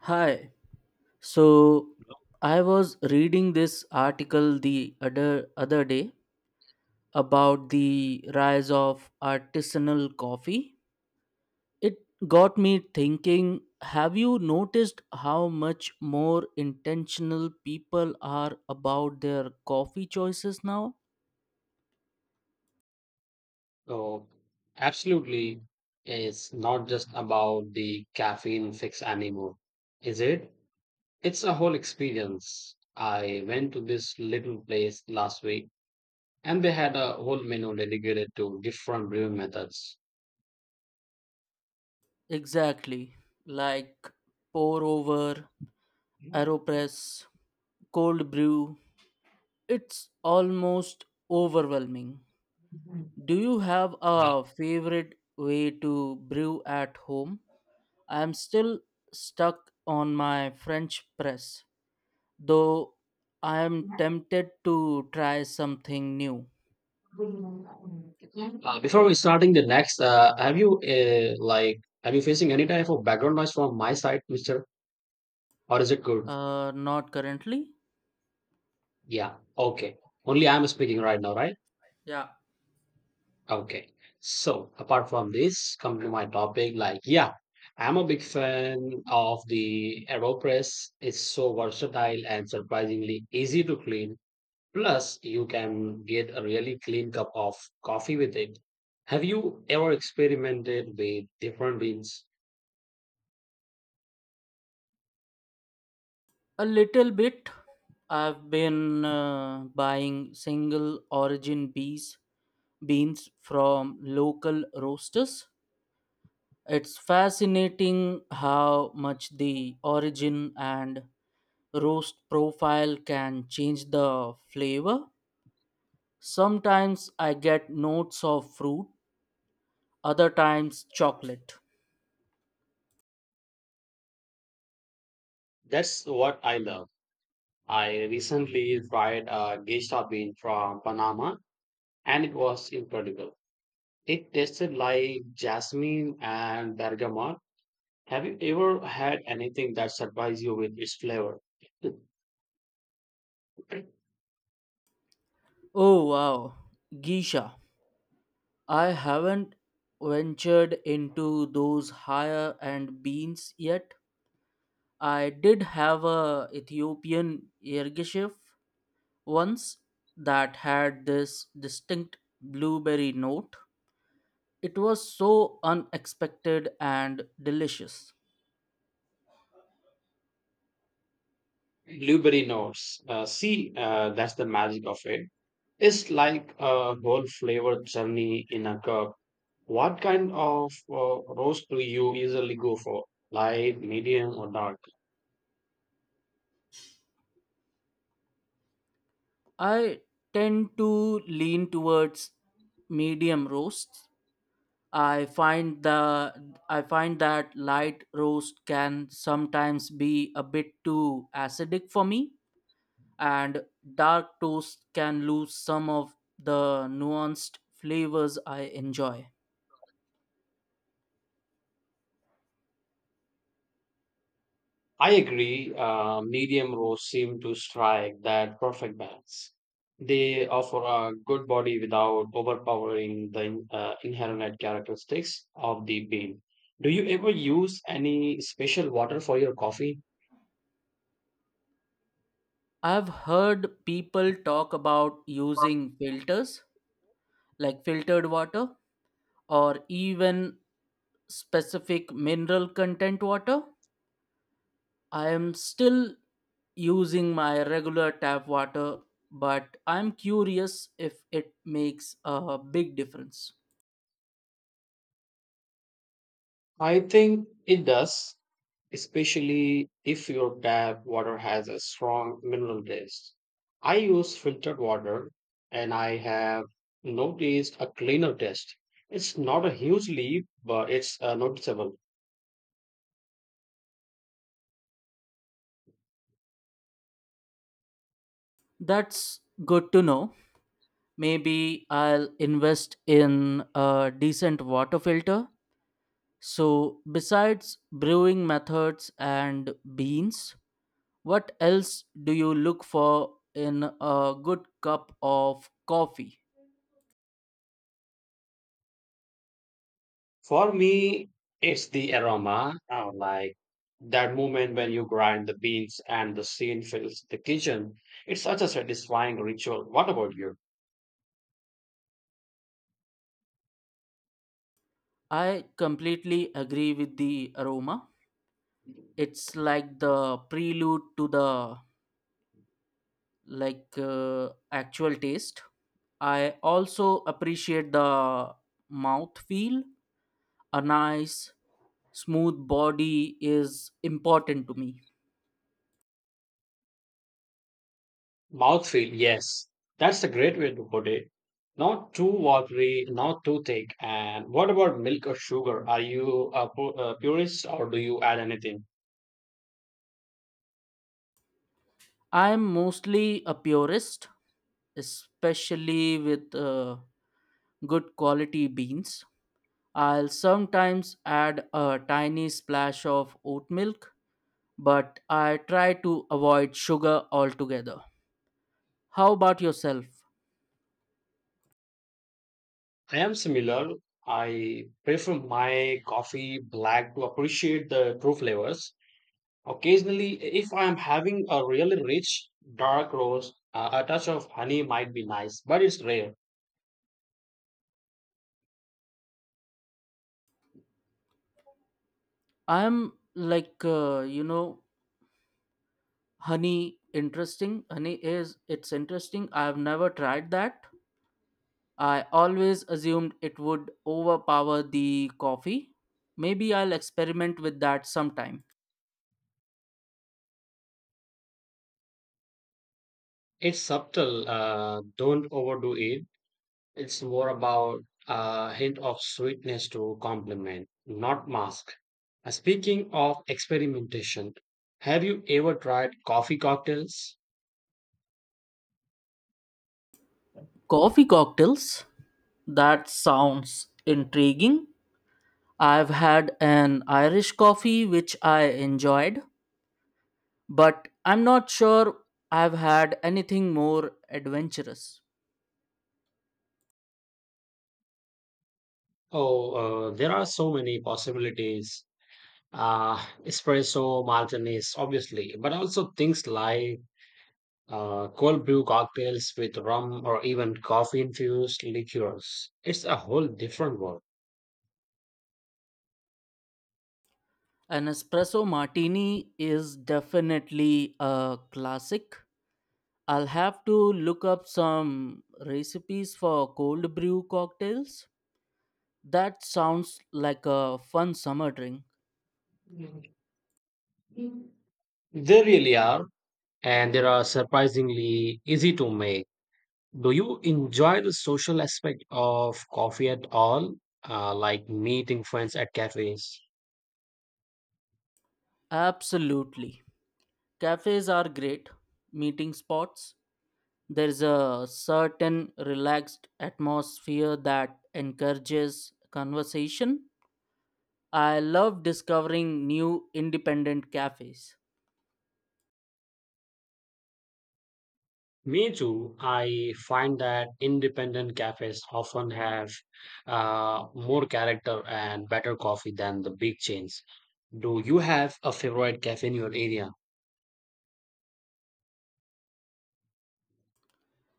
Hi. So I was reading this article the other day about the rise of artisanal coffee. It got me thinking, have you noticed how much more intentional people are about their coffee choices now? Oh, absolutely. It's not just about the caffeine fix anymore, is it? It's a whole experience. I went to this little place last week and they had a whole menu dedicated to different brewing methods. Exactly. Like pour over, Uh, aeropress, cold brew. It's almost overwhelming. Do you have a favorite way to brew at home? I am still stuck on my French press, though I am tempted to try something new. Before we starting the next, have you have you facing any type of background noise from my side, Mister, or is it good? Not currently. Yeah, okay. Only I'm speaking right now, right? Yeah, Okay. So apart from this, come to my topic. Like, yeah, I'm a big fan of the AeroPress. It's so versatile and surprisingly easy to clean. Plus, you can get a really clean cup of coffee with it. Have you ever experimented with different beans? a little bit. I've been buying single origin bees beans from local roasters. It's fascinating how much the origin and roast profile can change the flavor. Sometimes I get notes of fruit, other times chocolate. That's what I love. I recently tried a geisha bean from Panama and it was incredible. It tasted like jasmine and bergamot. Have you ever had anything that surprised you with its flavor? The Oh wow, Geisha. I haven't ventured into those higher end beans yet. I did have a Ethiopian ergeshef once that had this distinct blueberry note. It was so unexpected and delicious. blueberry notes. See, that's the magic of it. It's like a whole flavor journey in a cup. What kind of roast do you usually go for? Light, medium, or dark? I tend to lean towards medium roasts. I find that light roast can sometimes be a bit too acidic for me and dark toast can lose some of the nuanced flavors I enjoy. I agree. Medium roasts seem to strike that perfect balance. They offer a good body without overpowering the inherent characteristics of the bean. Do you ever use any special water for your coffee? I've heard people talk about using filters like filtered water or even specific mineral content water. I am still using my regular tap water, but I'm curious if it makes a big difference. I think it does, especially if your tap water has a strong mineral taste. I use filtered water and I have noticed a cleaner taste. It's not a huge leap, but it's noticeable. That's good to know. Maybe I'll invest in a decent water filter. So, besides brewing methods and beans, what else do you look for in a good cup of coffee? For me, it's the aroma, like that moment when you grind the beans and the scene fills the kitchen. It's such a satisfying ritual. What about you? I completely agree with the aroma. It's like the prelude to the actual taste. I also appreciate the mouth feel. A nice smooth body is important to me. Mouthfeel, yes. That's a great way to put it. Not too watery, not too thick. And what about milk or sugar? Are you a a purist or do you add anything? I'm mostly a purist, especially with good quality beans. I'll sometimes add a tiny splash of oat milk, but I try to avoid sugar altogether. How about yourself? I am similar. I prefer my coffee black to appreciate the true flavors. Occasionally, if I am having a really rich dark roast, a touch of honey might be nice, but it's rare. I'm like, you know, honey interesting. Honey is, it's interesting. I've never tried that. I always assumed it would overpower the coffee. Maybe I'll experiment with that sometime. It's subtle. Don't overdo it. It's more about a hint of sweetness to complement, not mask. Speaking of experimentation, have you ever tried coffee cocktails? Coffee cocktails? That sounds intriguing. I've had an Irish coffee which I enjoyed, but I'm not sure I've had anything more adventurous. Oh, there are so many possibilities. uh, Espresso martinis, obviously, but also things like cold brew cocktails with rum or even coffee infused liqueurs. It's a whole different world. An espresso martini is definitely a classic. I'll have to look up some recipes for cold brew cocktails. That sounds like a fun summer drink. They really are, and they are surprisingly easy to make. Do you enjoy the social aspect of coffee at all? Like meeting friends at cafes? Absolutely. Cafes are great meeting spots. There's a certain relaxed atmosphere that encourages conversation. I love discovering new independent cafes. Me too. I find that independent cafes often have more character and better coffee than the big chains. Do you have a favorite cafe in your area?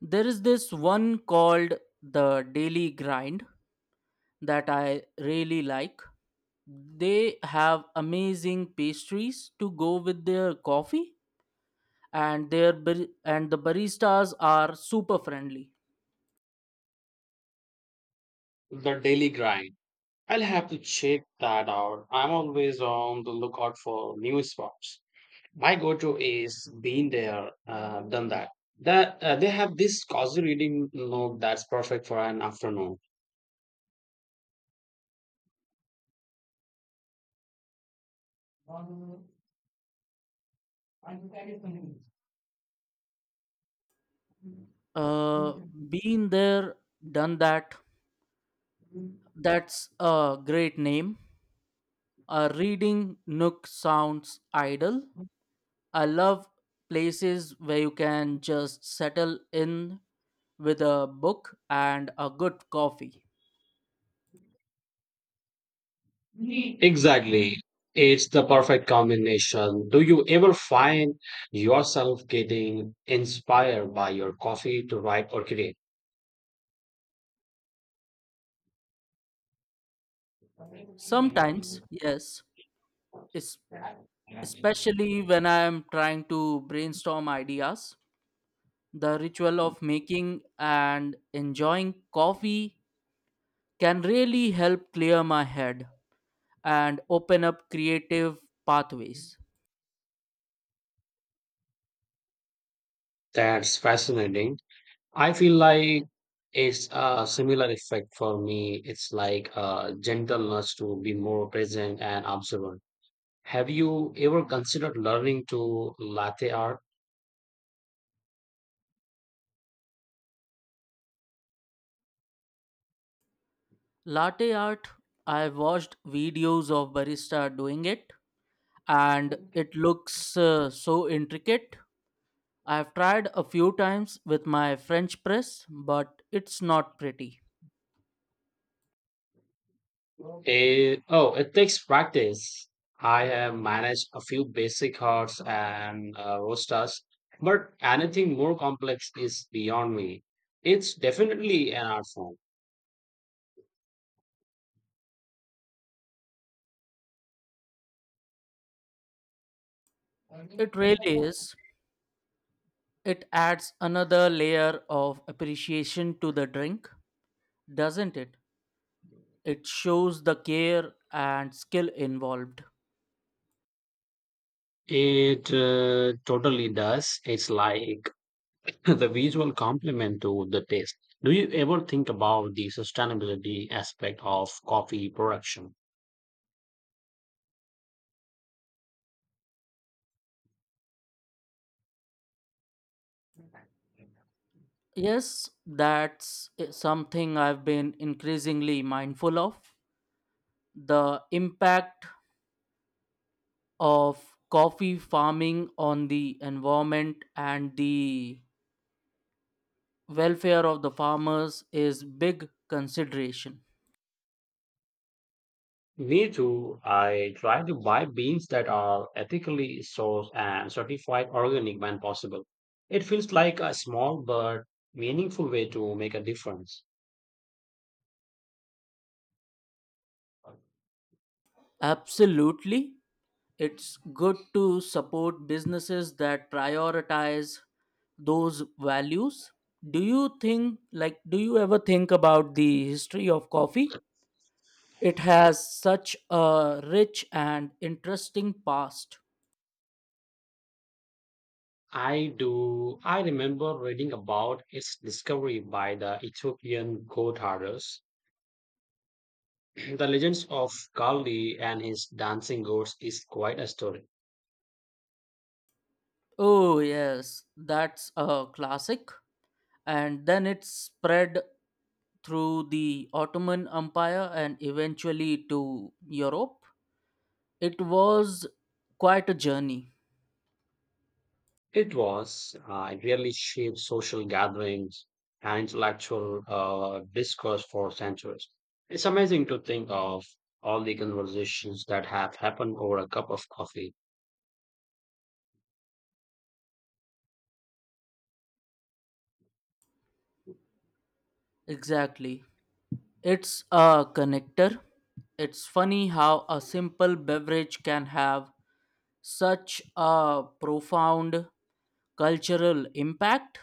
There is this one called The Daily Grind that I really like. They have amazing pastries to go with their coffee and and the baristas are super friendly. The Daily Grind. I'll have to check that out. I'm always on the lookout for new spots. My go-to is been there, done that. That they have this cozy reading nook that's perfect for an afternoon. Uh been there, done that. That's a great name. A reading nook sounds idle. I love places where you can just settle in with a book and a good coffee. Exactly. It's the perfect combination. Do you ever find yourself getting inspired by your coffee to write or create? Sometimes, yes, es- especially when I am trying to brainstorm ideas, the ritual of making and enjoying coffee can really help clear my head and open up creative pathways. That's fascinating. I feel like it's a similar effect for me. It's like a gentleness to be more present and observant. Have you ever considered learning to latte art? Latte art, I watched videos of barista doing it and it looks so intricate. I've tried a few times with my French press, but it's not pretty. It, oh, it takes practice. I have managed a few basic horse and roosters, but anything more complex is beyond me. It's definitely an art form. It really is. It adds another layer of appreciation to the drink, doesn't it? It shows the care and skill involved. It totally does. It's like the visual complement to the taste. Do you ever think about the sustainability aspect of coffee production? Yes, that's something I've been increasingly mindful of. The impact of coffee farming on the environment and the welfare of the farmers is big consideration. Me too. I try to buy beans that are ethically sourced and certified organic when possible. It feels like a small but meaningful way to make a difference. Absolutely. It's good to support businesses that prioritize those values. Do you ever think about the history of coffee? It has such a rich and interesting past. I do. I remember reading about its discovery by the Ethiopian goat herders. The legends of Kali and his dancing goats is quite a story. Oh, yes, that's a classic. And then it spread through the Ottoman Empire and eventually to Europe. It was quite a journey. It was. It really shaped social gatherings and intellectual discourse for centuries. It's amazing to think of all the conversations that have happened over a cup of coffee. Exactly. It's a connector. It's funny how a simple beverage can have such a profound cultural impact.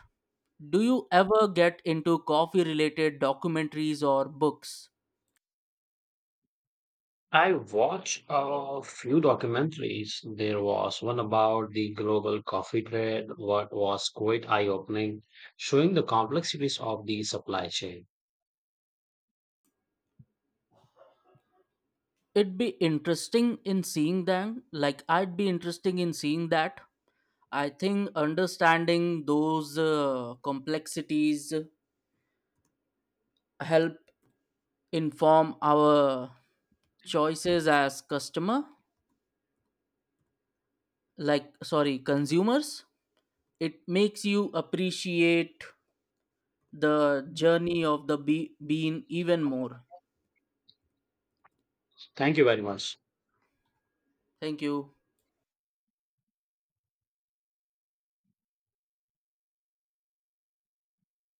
Do you ever get into coffee related documentaries or books? I watched a few documentaries. There was one about the global coffee trade, what was quite eye opening, showing the complexities of the supply chain. It'd be interesting in seeing them. Like, I'd be interesting in seeing that. I think understanding those complexities help inform our choices as customer like sorry consumers. It makes you appreciate the journey of the bean even more. Thank you very much. Thank you.